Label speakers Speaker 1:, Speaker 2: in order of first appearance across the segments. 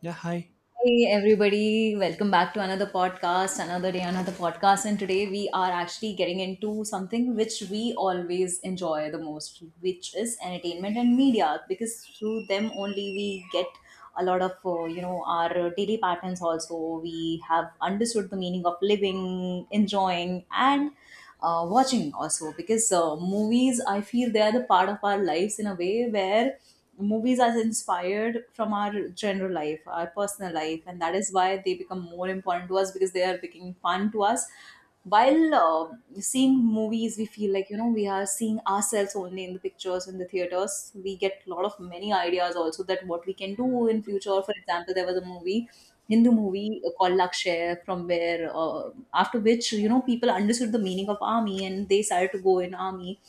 Speaker 1: Yeah, hi.
Speaker 2: Hey everybody, welcome back to another podcast, another day, another podcast. And today we are actually getting into something which we always enjoy the most, which is entertainment and media, because through them only we get a lot of, our daily patterns also. We have understood the meaning of living, enjoying, and watching also, because movies, I feel they are the part of our lives, in a way where movies are inspired from our general life, our personal life, and that is why they become more important to us, because they are becoming fun to us. While seeing movies, we feel like, you know, we are seeing ourselves only in the pictures. In the theaters, we get a lot of many ideas also, that what we can do in future. For example, there was a movie, Hindu movie, called Lakshya, from where, after which, you know, people understood the meaning of army and they started to go in army.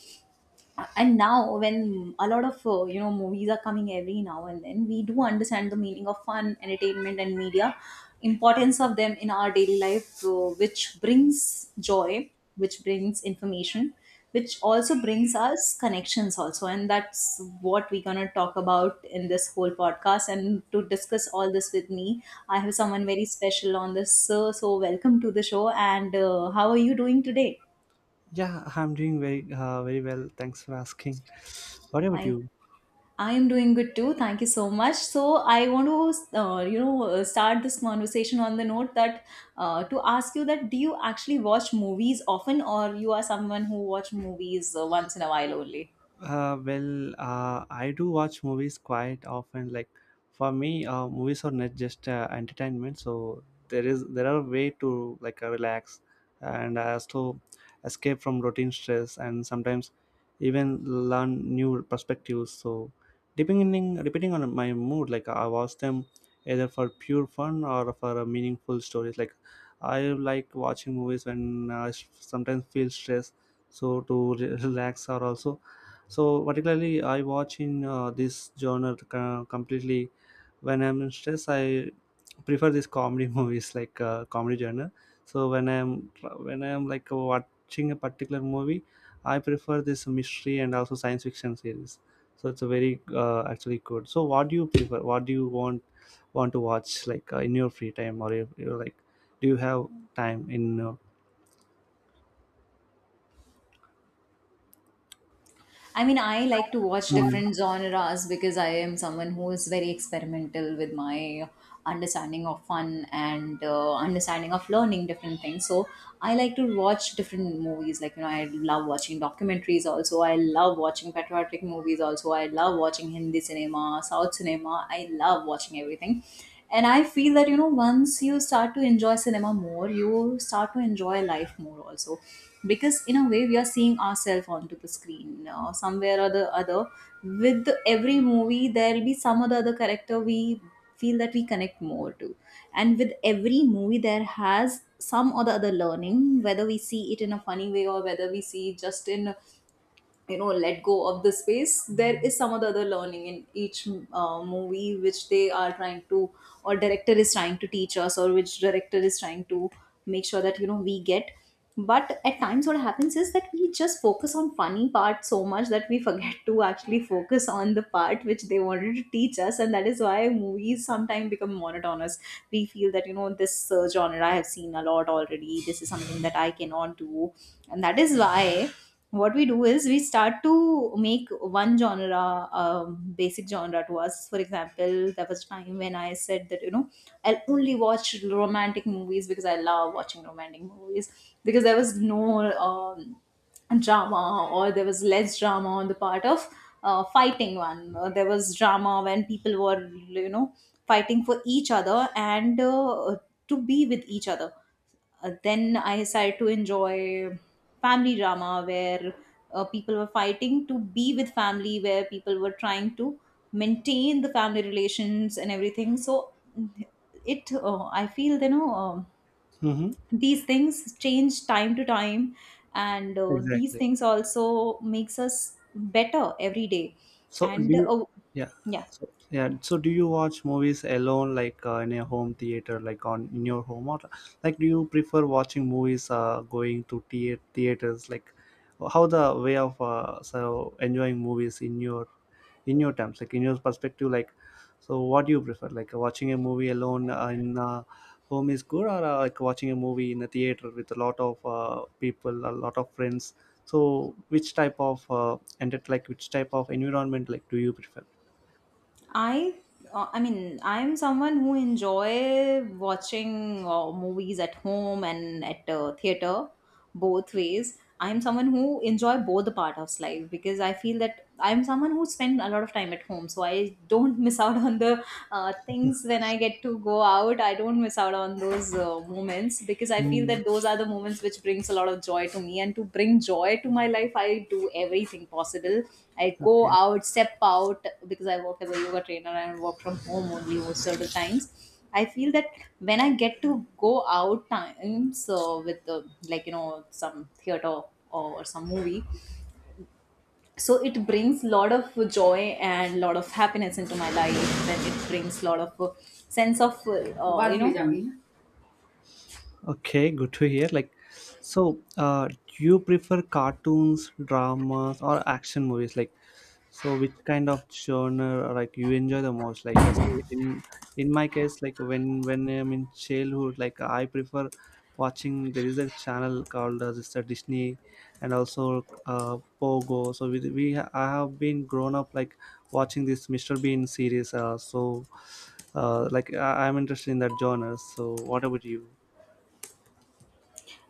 Speaker 2: And now when a lot of, movies are coming every now and then, we do understand the meaning of fun, entertainment and media, importance of them in our daily life, which brings joy, which brings information, which also brings us connections also. And that's what we're going to talk about in this whole podcast. And to discuss all this with me, I have someone very special on this. So welcome to the show. And how are you doing today?
Speaker 1: Yeah, I'm doing very, very well. Thanks for asking. What about
Speaker 2: Thank.
Speaker 1: you?
Speaker 2: I am doing good too. Thank you so much. So I want to, start this conversation on the note that, to ask you that, do you actually watch movies often, or you are someone who watch movies once in a while only?
Speaker 1: I do watch movies quite often. Like for me, movies are not just entertainment. So there are way to like relax and also escape from routine stress and sometimes even learn new perspectives. So depending on my mood, like I watch them either for pure fun or for meaningful stories. Like I like watching movies when sometimes feel stressed, so to relax or also, so particularly I watch in this genre completely when I'm in stress. I prefer these comedy movies, like comedy genre. So when I'm like watching a particular movie, I prefer this mystery and also science fiction series. So it's a very actually good. So what do you prefer, what do you want to watch, like in your free time, or if you're like, do you have time in
Speaker 2: I mean, I like to watch
Speaker 1: mm-hmm.
Speaker 2: different genres, because I am someone who is very experimental with my understanding of fun and understanding of learning different things. So I like to watch different movies. Like, you know, I love watching documentaries also. I love watching patriotic movies also. I love watching Hindi cinema, South cinema. I love watching everything. And I feel that, you know, once you start to enjoy cinema more, you start to enjoy life more also, because in a way we are seeing ourselves onto the screen, somewhere or the other. With every movie, there'll be some other character we feel that we connect more to. And with every movie, there has some or the other learning, whether we see it in a funny way or whether we see just in, you know, let go of the space, there is some of the other learning in each movie, which they are trying to, or director is trying to teach us, or which director is trying to make sure that, you know, we get. But at times what happens is that we just focus on funny part so much that we forget to actually focus on the part which they wanted to teach us. And that is why movies sometimes become monotonous. We feel that, you know, this genre I have seen a lot already, this is something that I cannot do. And that is why what we do is we start to make one genre, basic genre to us. For example, there was time when I said that, you know, I'll only watch romantic movies because I love watching romantic movies, because there was no drama, or there was less drama on the part of, fighting one. There was drama when people were, you know, fighting for each other and to be with each other. Then I started to enjoy family drama, where people were fighting to be with family, where people were trying to maintain the family relations and everything. So it, I feel, you know, these things change time to time, and these
Speaker 1: Exactly.
Speaker 2: things also makes us better every day.
Speaker 1: So do
Speaker 2: And
Speaker 1: you, yeah,
Speaker 2: yeah,
Speaker 1: so yeah. So do you watch movies alone, like in a home theater, like on in your home, or like do you prefer watching movies, going to theaters, like how the way of so enjoying movies in your terms, like in your perspective, like so what do you prefer, like watching a movie alone in home is good, or like watching a movie in a theater with a lot of people, a lot of friends, so which type of and it, like which type of environment, like do you prefer?
Speaker 2: I I mean, I'm someone who enjoy watching movies at home and at theater, both ways. I'm someone who enjoy both the part of life, because I feel that I'm someone who spend a lot of time at home, so I don't miss out on the things when I get to go out. I don't miss out on those moments, because I feel
Speaker 1: Hmm.
Speaker 2: that those are the moments which brings a lot of joy to me. And to bring joy to my life, I do everything possible. I go
Speaker 1: Okay.
Speaker 2: out, step out, because I work as a yoga trainer and work from home only most of the times. I feel that when I get to go out times with the, like, you know, some theater or some movie, so it brings lot of joy and lot of happiness into my life. Then it brings lot of sense of you know.
Speaker 1: Okay, good to hear. Like, so, do you prefer cartoons, dramas, or action movies? Like, so which kind of genre like you enjoy the most? Like, say in my case, like when I'm in childhood, like I prefer watching. There is a channel called Mister Disney, and also Pogo. So I have been grown up like watching this Mister Bean series. So, like I'm interested in that genre. So, what about you?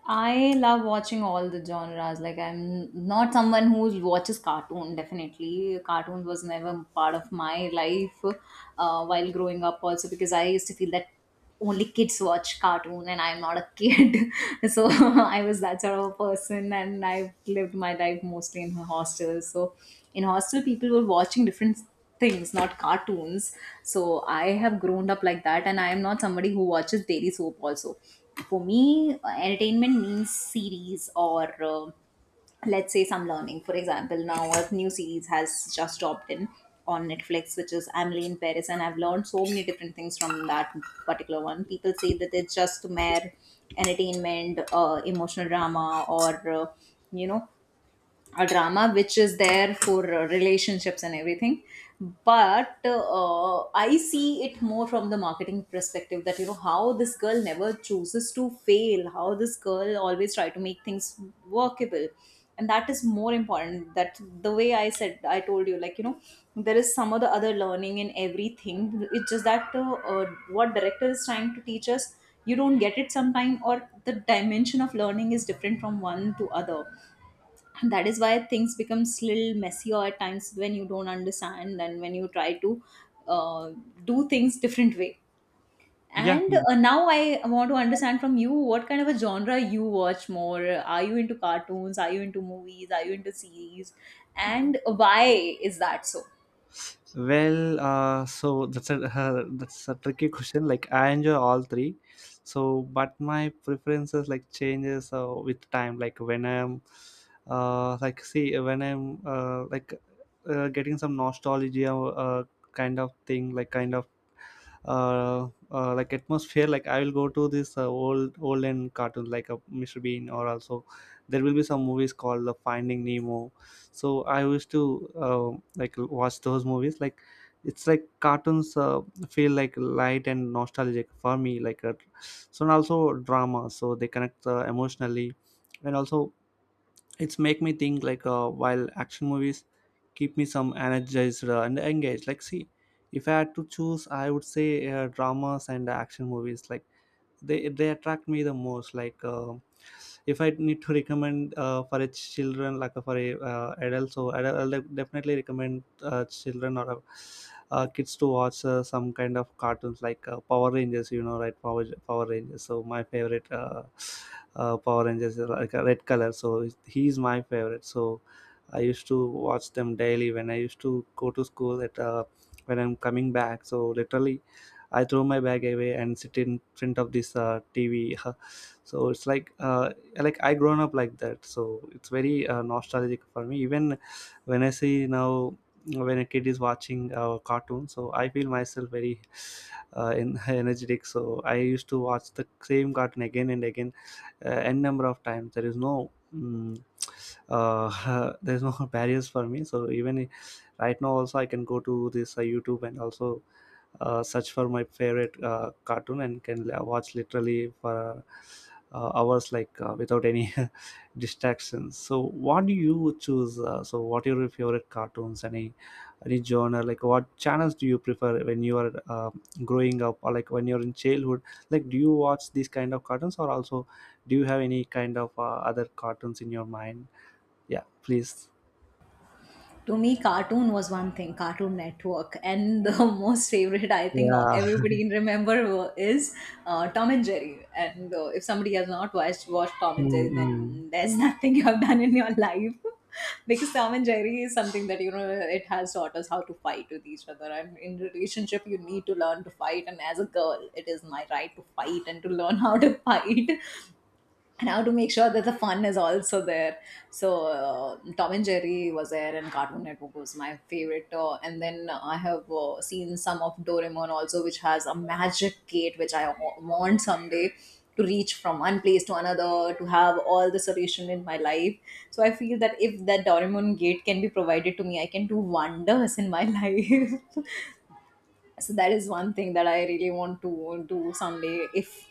Speaker 2: I love watching all the genres. Like, I'm not someone who watches cartoon. Definitely, cartoons was never part of my life while growing up. Also, because I used to feel that only kids watch cartoon, and I'm not a kid. So I was that sort of a person, and I lived my life mostly in hostels. So in hostel, people were watching different things, not cartoons. So I have grown up like that, and I am not somebody who watches daily soap also. For me, entertainment means series or, let's say, some learning. For example, now a new series has just dropped in on Netflix, which is Emily in Paris, and I've learned so many different things from that particular one. People say that it's just mere entertainment, emotional drama or, uh, you know a drama which is there for relationships and everything. But I see it more from the marketing perspective, that, you know, how this girl never chooses to fail, how this girl always try to make things workable. And that is more important. That, the way I said, I told you, like, you know, there is some of the other learning in everything. It's just that, what director is trying to teach us, you don't get it sometime, or the dimension of learning is different from one to other. That is why things becomes little messier at times, when you don't understand and when you try to, uh, do things different way.
Speaker 1: Yeah,
Speaker 2: And now I want to understand from you, what kind of a genre you watch more? Are you into cartoons? Are you into movies? Are you into series? And why is that so?
Speaker 1: well, so that's a that's a tricky question. Like I enjoy all three, so but my preferences like changes with time. Like like see when I'm like getting some nostalgia kind of thing, like kind of like atmosphere. Like I will go to this old and cartoons like a Mr. Bean, or also there will be some movies called Finding Nemo. So I used to uh, like watch those movies, like it's like cartoons feel like light and nostalgic for me, like so. And also drama, so they connect emotionally. And also it's make me think, like while action movies keep me some energized and engaged. Like see, if I had to choose I would say dramas and action movies, like they attract me the most, like if I need to recommend for a children, like for a adult, so adult, I'll definitely recommend children or kids to watch some kind of cartoons like Power Rangers, you know, right, Power Rangers. So my favorite Power Rangers is like a red color, so he's my favorite. So I used to watch them daily when I used to go to school at when I'm coming back. So literally I throw my bag away and sit in front of this TV. So it's like I grown up like that. So it's very nostalgic for me. Even when I see now, when a kid is watching a cartoon, so I feel myself very in, energetic. So I used to watch the same cartoon again and again, n number of times. There is no. mm, there's no barriers for me, so right now also I can go to this YouTube and also search for my favorite cartoon and can watch literally for hours like without any distractions. So what do you choose, so what are your favorite cartoons, any genre, like what channels do you prefer when you are growing up, or like when you're in childhood, like do you watch these kind of cartoons, or also do you have any kind of other cartoons in your mind? Yeah, please.
Speaker 2: To me, cartoon was one thing, Cartoon Network, and the most favorite, I think,
Speaker 1: Yeah.
Speaker 2: everybody can remember is Tom and Jerry. And if somebody has not watched Tom and
Speaker 1: Mm,
Speaker 2: Jerry,
Speaker 1: mm,
Speaker 2: then there's nothing you have done in your life. Because Tom and Jerry is something that, you know, it has taught us how to fight with each other. And in relationship, you need to learn to fight, and as a girl, it is my right to fight and to learn how to fight. And how to make sure that the fun is also there. So Tom and Jerry was there, and Cartoon Network was my favorite. And then I have seen some of Doraemon also, which has a magic gate, which I want someday to reach from one place to another, to have all the solution in my life. So I feel that if that Doraemon gate can be provided to me, I can do wonders in my life. So that is one thing that I really want to do someday, if,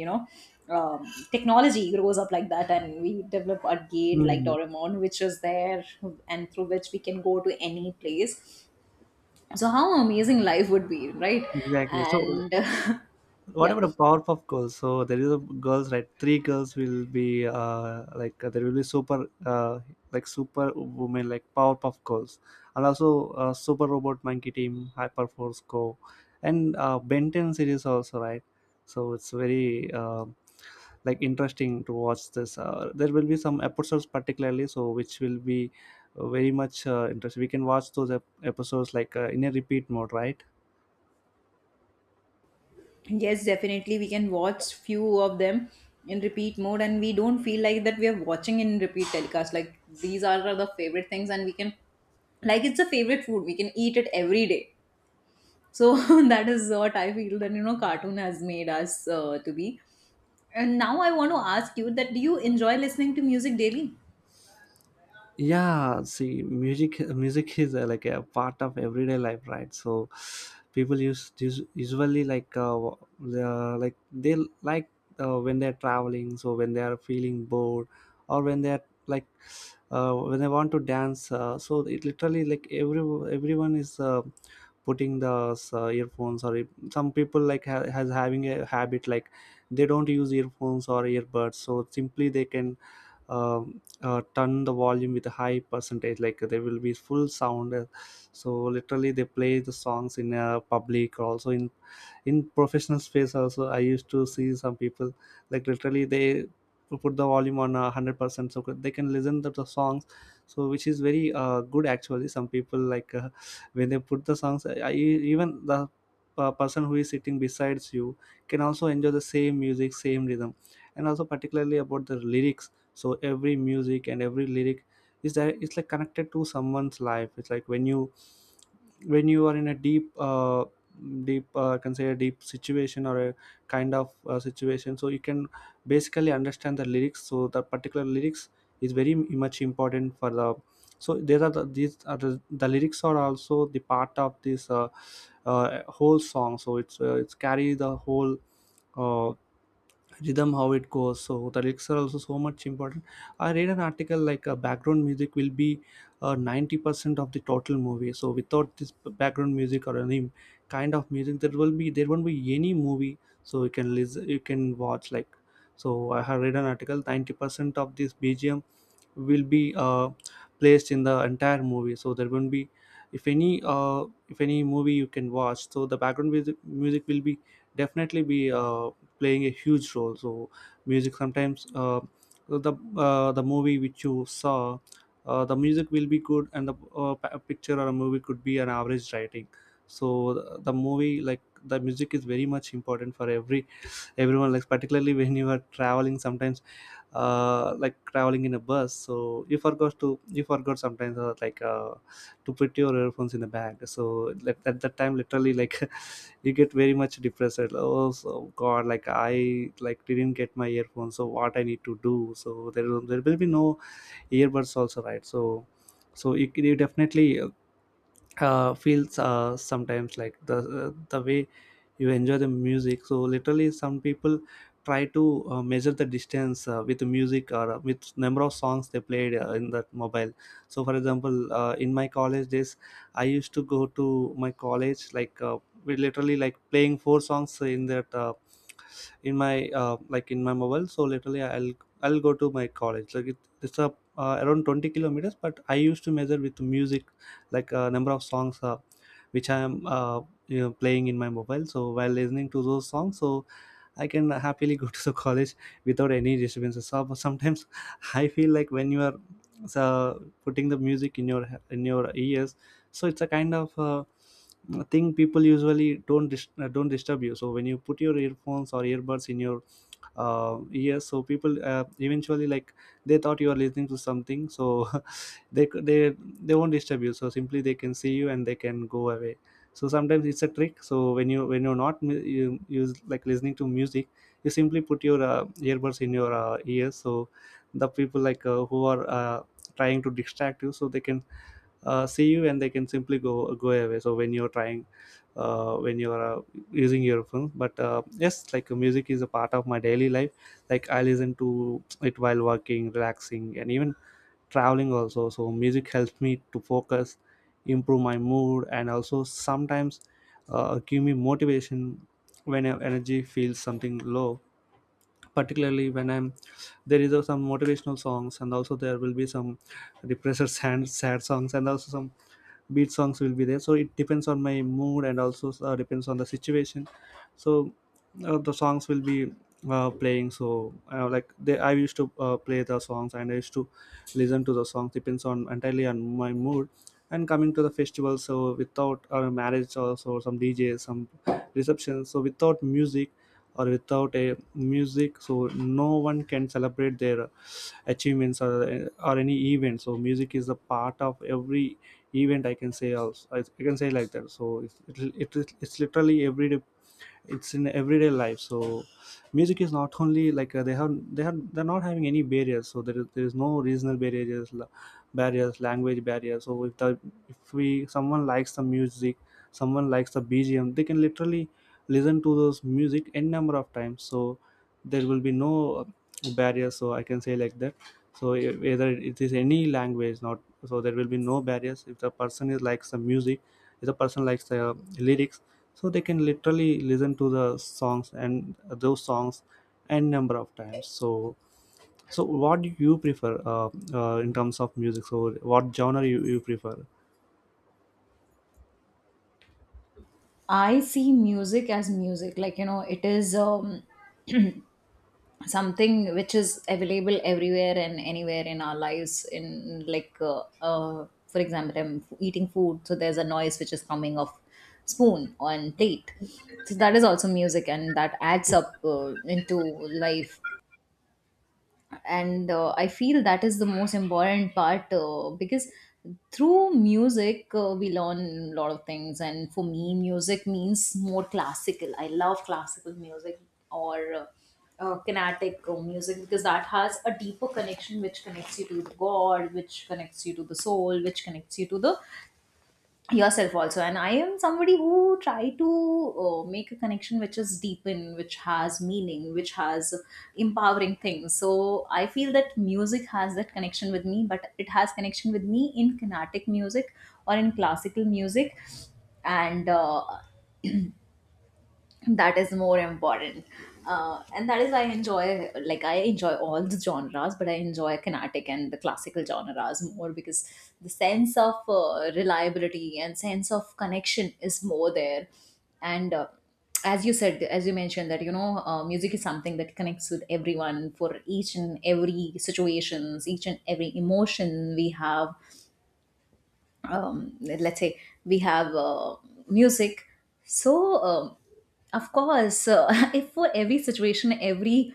Speaker 2: you know, um, technology grows up like that and we develop a gate like
Speaker 1: mm,
Speaker 2: Doraemon, which is there, and through which we can go to any place. So how amazing life would be, right?
Speaker 1: exactly. So
Speaker 2: And
Speaker 1: what
Speaker 2: yeah.
Speaker 1: about a powerpuff Girls? So there is a girls, right, three girls will be like there will be super like super women like Powerpuff Girls. And also Super Robot Monkey Team Hyperforce Go and Ben 10 series also, right? So it's very like interesting to watch this there will be some episodes particularly, so which will be very much interesting, we can watch those episodes like in a repeat mode, right?
Speaker 2: Yes, definitely. We can watch few of them in repeat mode, and we don't feel like that we are watching in repeat telecast. Like, these are the favorite things, and we can, like, it's a favorite food. We can eat it every day. So that is what I feel, that, you know, cartoon has made us to be. And now I want to ask you, that do you enjoy listening to music daily?
Speaker 1: Yeah, see, music is like a part of everyday life, right? So people usually like like they like when they're traveling, so when they are feeling bored, or when they're like when they want to dance, so it literally, like everyone is putting the earphones, or it, some people like has having a habit like they don't use earphones or earbuds, so simply they can turn the volume with a high percentage, like there will be full sound. So literally they play the songs in a public also, in professional space also. I used to see some people like literally they put the volume on 100% so they can listen to the songs, so which is very good actually. Some people like when they put the songs, I even the person who is sitting besides you can also enjoy the same music, same rhythm. And also particularly about the lyrics, so every music and every lyric is that it's like connected to someone's life. It's like when you are in a deep deep I can say a deep situation or a kind of situation, so you can basically understand the lyrics. So the particular lyrics is very much important for the, so these are the lyrics are also the part of this whole song. So it's carry the whole uh, rhythm, how it goes. So the lyrics are also so much important. I read an article like background music will be 90% of the total movie. So without this background music or any kind of music, there won't be any movie. So you can listen, you can watch, like so I have read an article 90% of this BGM will be placed in the entire movie. So there won't be if any movie you can watch, so the background music, music will be definitely be playing a huge role. So music sometimes the movie which you saw, the music will be good, and the picture or a movie could be an average writing. So the movie, like the music is very much important for everyone. Like particularly when you are traveling sometimes like traveling in a bus, so you forgot sometimes like to put your earphones in the bag, so like, at that time literally like you get very much depressed like, oh, so god, like I like didn't get my earphones, so what I need to do? So there will be no earbuds also, right? So you definitely feels sometimes like the way you enjoy the music. So literally, some people try to measure the distance with the music, or with number of songs they played in that mobile. So for example, in my college days, I used to go to my college like we literally like playing four songs in that. In my like in my mobile, so literally I'll go to my college like it, it's a around 20 kilometers, but I used to measure with music like a number of songs which I am you know, playing in my mobile. So while listening to those songs, so I can happily go to the college without any disturbances. So sometimes I feel like when you are so putting the music in your ears, so it's a kind of thing people usually don't don't disturb you. So when you put your earphones or earbuds in your yes, so people eventually, like, they thought you are listening to something, so they they won't disturb you, so simply they can see you and they can go away. So sometimes it's a trick. So when you when you're not you use, like, listening to music, you simply put your earbuds in your ears. So the people, like, who are trying to distract you, so they can see you and they can simply go away. So when you're trying when you're using your phone, but yes, like, music is a part of my daily life. Like, I listen to it while working, relaxing, and even traveling also. So music helps me to focus, improve my mood, and also sometimes give me motivation when your energy feels something low. Particularly when I'm there is some motivational songs, and also there will be some depressed and sad songs, and also some beat songs will be there. So it depends on my mood, and also depends on the situation. So the songs will be playing. So like, they I used to play the songs, and I used to listen to the songs depends on entirely on my mood. And coming to the festival, so without our marriage also, some DJ, some reception, so without music or without a music, so no one can celebrate their achievements or any event. So music is a part of every event, I can say. Also I can say like that. So it's literally everyday, it's in everyday life. So music is not only like they have they're not having any barriers. So there is no regional barriers, barriers, language barriers. So if the if we someone likes the music, someone likes the BGM, they can literally listen to those music n number of times. So there will be no barriers, so I can say like that. So whether it is any language not, so there will be no barriers. If the person is likes the music, if the person likes the lyrics, so they can literally listen to the songs, and those songs n number of times. So so what do you prefer in terms of music? So what genre you prefer?
Speaker 2: I see music as music. Like, you know, it is something which is available everywhere and anywhere in our lives. In, like, for example, I'm eating food, so there's a noise which is coming of spoon on plate. So that is also music, and that adds up into life. And I feel that is the most important part because through music we learn a lot of things. And for me, music means more classical. I love classical music, or kinetic music, because that has a deeper connection, which connects you to god, which connects you to the soul, which connects you to the yourself also. And I am somebody who try to make a connection which is deep in, which has meaning, which has empowering things. So I feel that music has that connection with me, but it has connection with me in carnatic music or in classical music. And that is more important. And that is, I enjoy, like I enjoy all the genres, but I enjoy kinetic and the classical genres more, because the sense of reliability and sense of connection is more there. And as you said, as you mentioned that, you know, music is something that connects with everyone for each and every situations, each and every emotion we have. Let's say we have music. So of course, if for every situation, every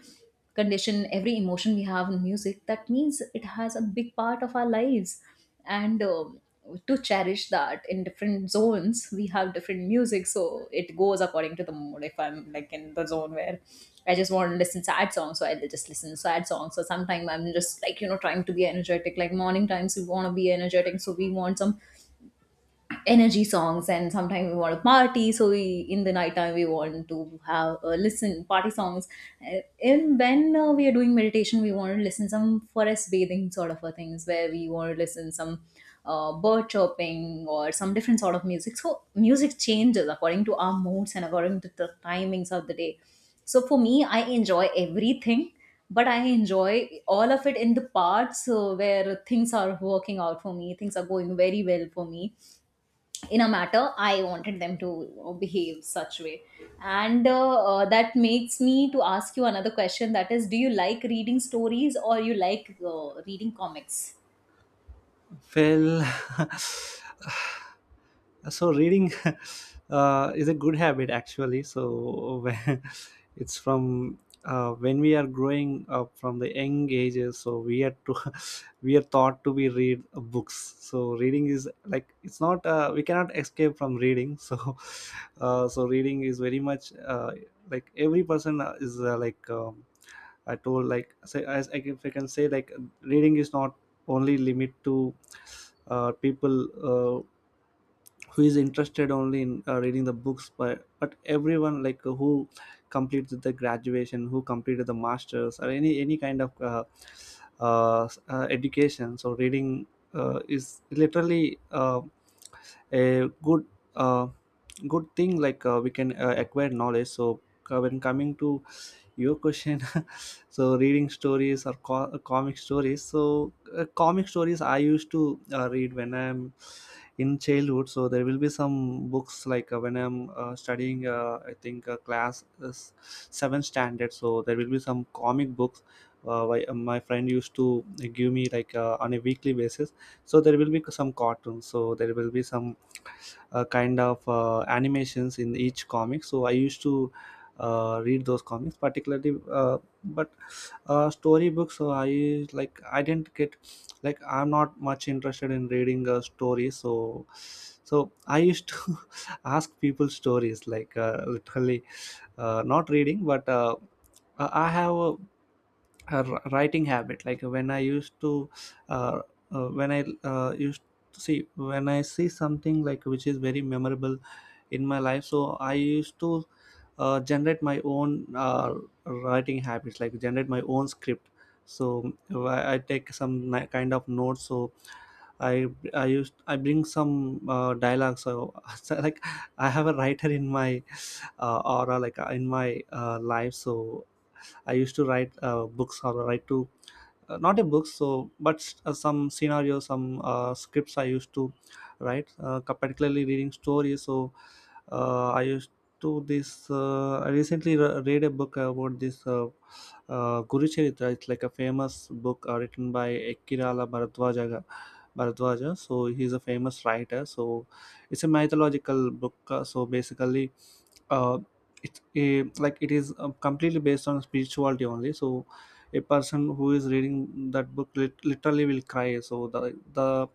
Speaker 2: condition, every emotion we have in music, that means it has a big part of our lives. And to cherish that, in different zones we have different music. So it goes according to the mood. If I'm like in the zone where I just want to listen sad songs, so I just listen to sad songs. So sometimes I'm just like, you know, trying to be energetic, like morning times we want to be energetic, so we want some energy songs. And sometimes we want to party, so we, in the night time, we want to have listen party songs. Uh, and when we are doing meditation, we want to listen some forest bathing sort of a things, where we want to listen some bird chirping or some different sort of music. So music changes according to our moods and according to the timings of the day. So for me, I enjoy everything, but I enjoy all of it in the parts where things are working out for me, things are going very well for me in a matter I wanted them to behave such way. And that makes me to ask you another question, that is, do you like reading stories, or you like reading comics?
Speaker 1: Well, so reading is a good habit actually. So it's from when we are growing up from the young ages, so we are to we are taught to be read books. So reading is like, it's not we cannot escape from reading. So so reading is very much like every person is like. I told like say if I can say, like, reading is not only limit to people uh, who is interested only in reading the books, but everyone like who completed the graduation, who completed the masters, or any kind of education. So reading is literally a good uh, good thing, like we can acquire knowledge. So when coming to your question, so reading stories or comic stories. So comic stories I used to read when I'm in childhood. So there will be some books, like, when I'm studying, I think, class 7 standard, so there will be some comic books my friend used to give me like, on a weekly basis. So there will be some cartoons, so there will be some kind of animations in each comic. So I used to read those comics particularly, but storybooks, so I like I didn't get, like, I'm not much interested in reading a story. So so I used to ask people stories, like, literally not reading, but I have a her writing habit. Like, when I used to uh, when I used to see when I see something like which is very memorable in my life, so I used to generate my own writing habits, like generate my own script. So I take some kind of notes. So i I used I bring some dialogue so, so like I have a writer in my aura, like, in my life. So I used to write books or write to not a book, so but some scenarios, some scripts I used to write, particularly reading stories. So I used to this. I recently read a book about this Guru Charitra. It's like a famous book written by Ekirala Bharadwaja. So he's a famous writer. So it's a mythological book. So basically, uh, like, it is completely based on spirituality only. So a person who is reading that book literally will cry. So the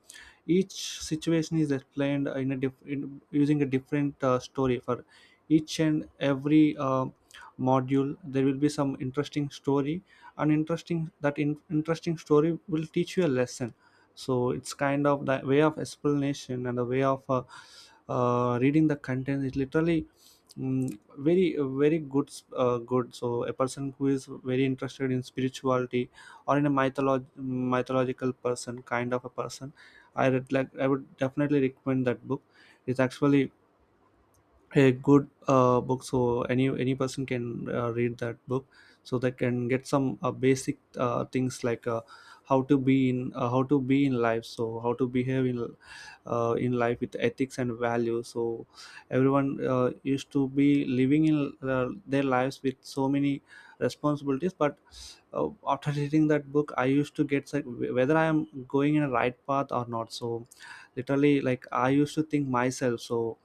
Speaker 1: each situation is explained in a using a different story. For each and every module, there will be some interesting story and interesting story will teach you a lesson. So it's kind of the way of explanation, and the way of reading the content is literally very very good good. So a person who is very interested in spirituality, or in a mythological person, kind of a person, I would definitely recommend that book. It's actually a good book. So any person can read that book, so they can get some basic things, like, how to be in life, so how to behave in life with ethics and values. So everyone used to be living in their lives with so many responsibilities, but after reading that book, I used to get like whether I am going in a right path or not. So literally, like, I used to think myself. So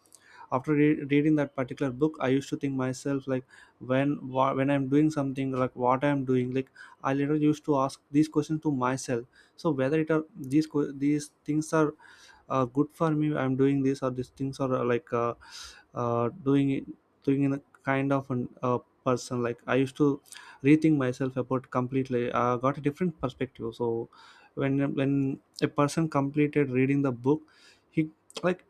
Speaker 1: after reading that particular book, I used to think myself, like, when I'm doing something, like, what I'm doing, like, I later used to ask these questions to myself. So whether it are these things are good for me, I'm doing this or these things, or doing it, doing in a kind of an person, like, I used to rethink myself about completely I got a different perspective. So when a person completed reading the book, he like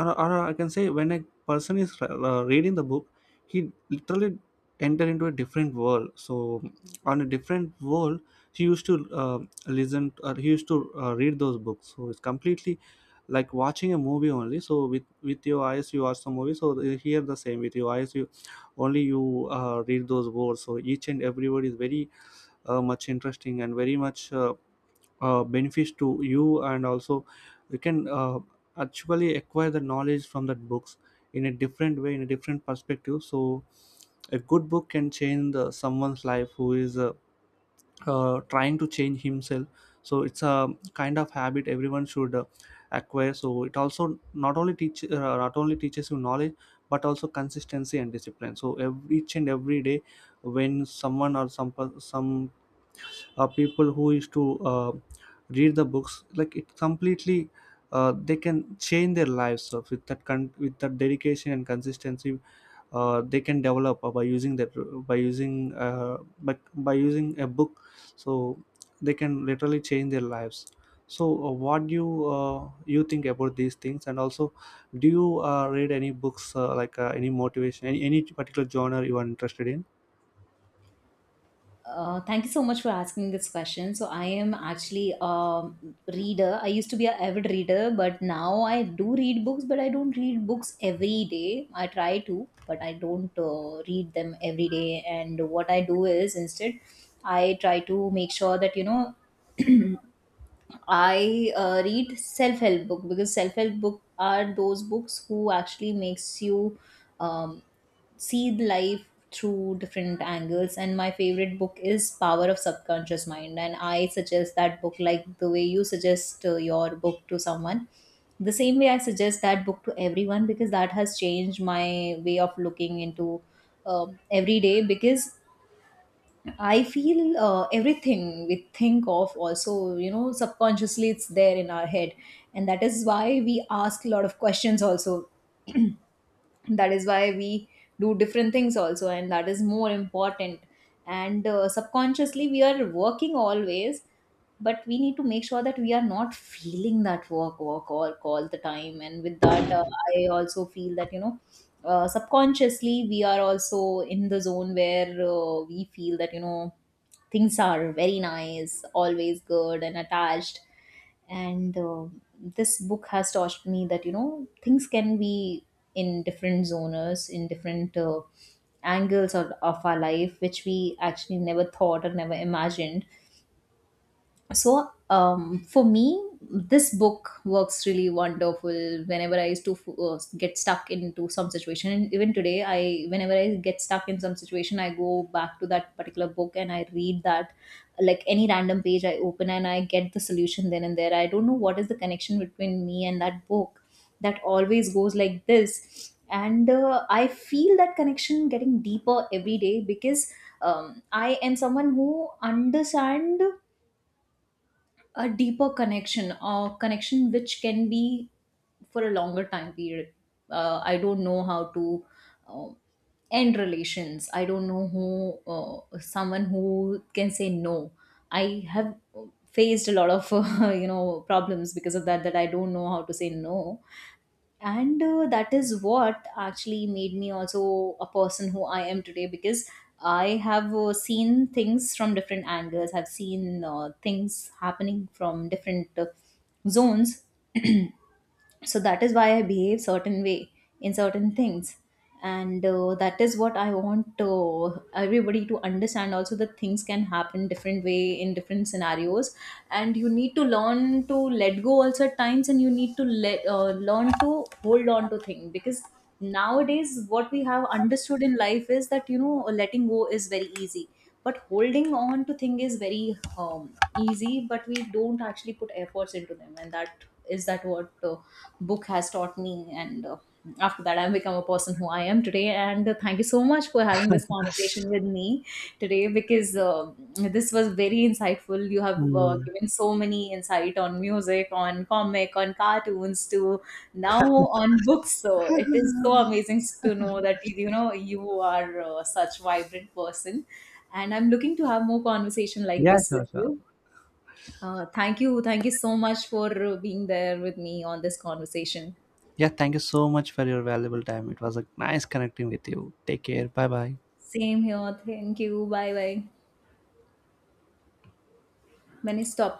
Speaker 1: or I can say when a person is reading the book, he literally enter into a different world. So on a different world, he used to uh, listen or he used to read those books. So it's completely like watching a movie only. So with your eyes you watch the movie, so here the same, with your eyes you only you read those words. So each and every word is very much interesting and very much benefits to you. And also you can actually acquire the knowledge from that books in a different way, in a different perspective. So a good book can change someone's life who is trying to change himself. So it's a kind of habit everyone should acquire. So it also not only teach not only teaches you knowledge, but also consistency and discipline. So each and every day, when someone or some people who is to read the books, like, it completely they can change their lives. So with that with that dedication and consistency, they can develop by using that, by using a book, so they can literally change their lives. So what do you you think about these things, and also do you read any books, any motivation, any particular genre you are interested in?
Speaker 2: Thank you so much for asking this question. So I am actually a reader. I used to be an avid reader, but now I do read books, but I don't read books every day. I try to, but I don't read them every day. And what I do is instead, I try to make sure that, you know, I read self-help book, because self-help book are those books who actually makes you um, see the life through different angles. And my favorite book is Power of Subconscious Mind, and I suggest that book like the way you suggest your book to someone, the same way I suggest that book to everyone, because that has changed my way of looking into every day. Because I feel everything we think of also, you know, subconsciously it's there in our head. And that is why we ask a lot of questions also. That is why we do different things also. And that is more important. And subconsciously we are working always, but we need to make sure that we are not feeling that work all the time. And with that, I also feel that, you know, subconsciously we are also in the zone where we feel that, you know, things are very nice, always good and attached. And this book has taught me that, you know, things can be in different zones, in different angles of our life, which we actually never thought or never imagined. So for me, this book works really wonderful whenever I used to get stuck into some situation. And even today, I whenever I get stuck in some situation, I go back to that particular book and I read that, like any random page I open and I get the solution then and there. I don't know what is the connection between me and that book. That always goes like this. And I feel that connection getting deeper every day, because I am someone who understand a deeper connection, or connection which can be for a longer time period. I don't know how to uh, end relations. I don't know who someone who can say no. I have faced a lot of you know problems because of that, that I don't know how to say no. And that is what actually made me also a person who I am today, because I have seen things from different angles. I've seen things happening from different zones. So that is why I behave certain way in certain things. And that is what I want everybody to understand also, that things can happen different way in different scenarios. And you need to learn to let go also at times, and you need to let learn to hold on to things. Because nowadays, what we have understood in life is that, you know, letting go is very easy, but holding on to thing is very easy, but we don't actually put efforts into them. And that is, that what book has taught me. And after that, I've become a person who I am today. And thank you so much for having this conversation with me today, because this was very insightful. You have
Speaker 1: Mm.
Speaker 2: given so many insight on music, on comic, on cartoons to now on books. So it is so amazing to know that, you know, you are such vibrant person, and I'm looking to have more conversation like
Speaker 1: Yeah,
Speaker 2: this with
Speaker 1: sure, sure.
Speaker 2: you. Thank you. Thank you so much for being there with me on this conversation.
Speaker 1: Yeah, thank you so much for your valuable time. It was a nice connecting with you. Take care. Bye bye.
Speaker 2: Same here. Thank you. Bye bye. मैंने stop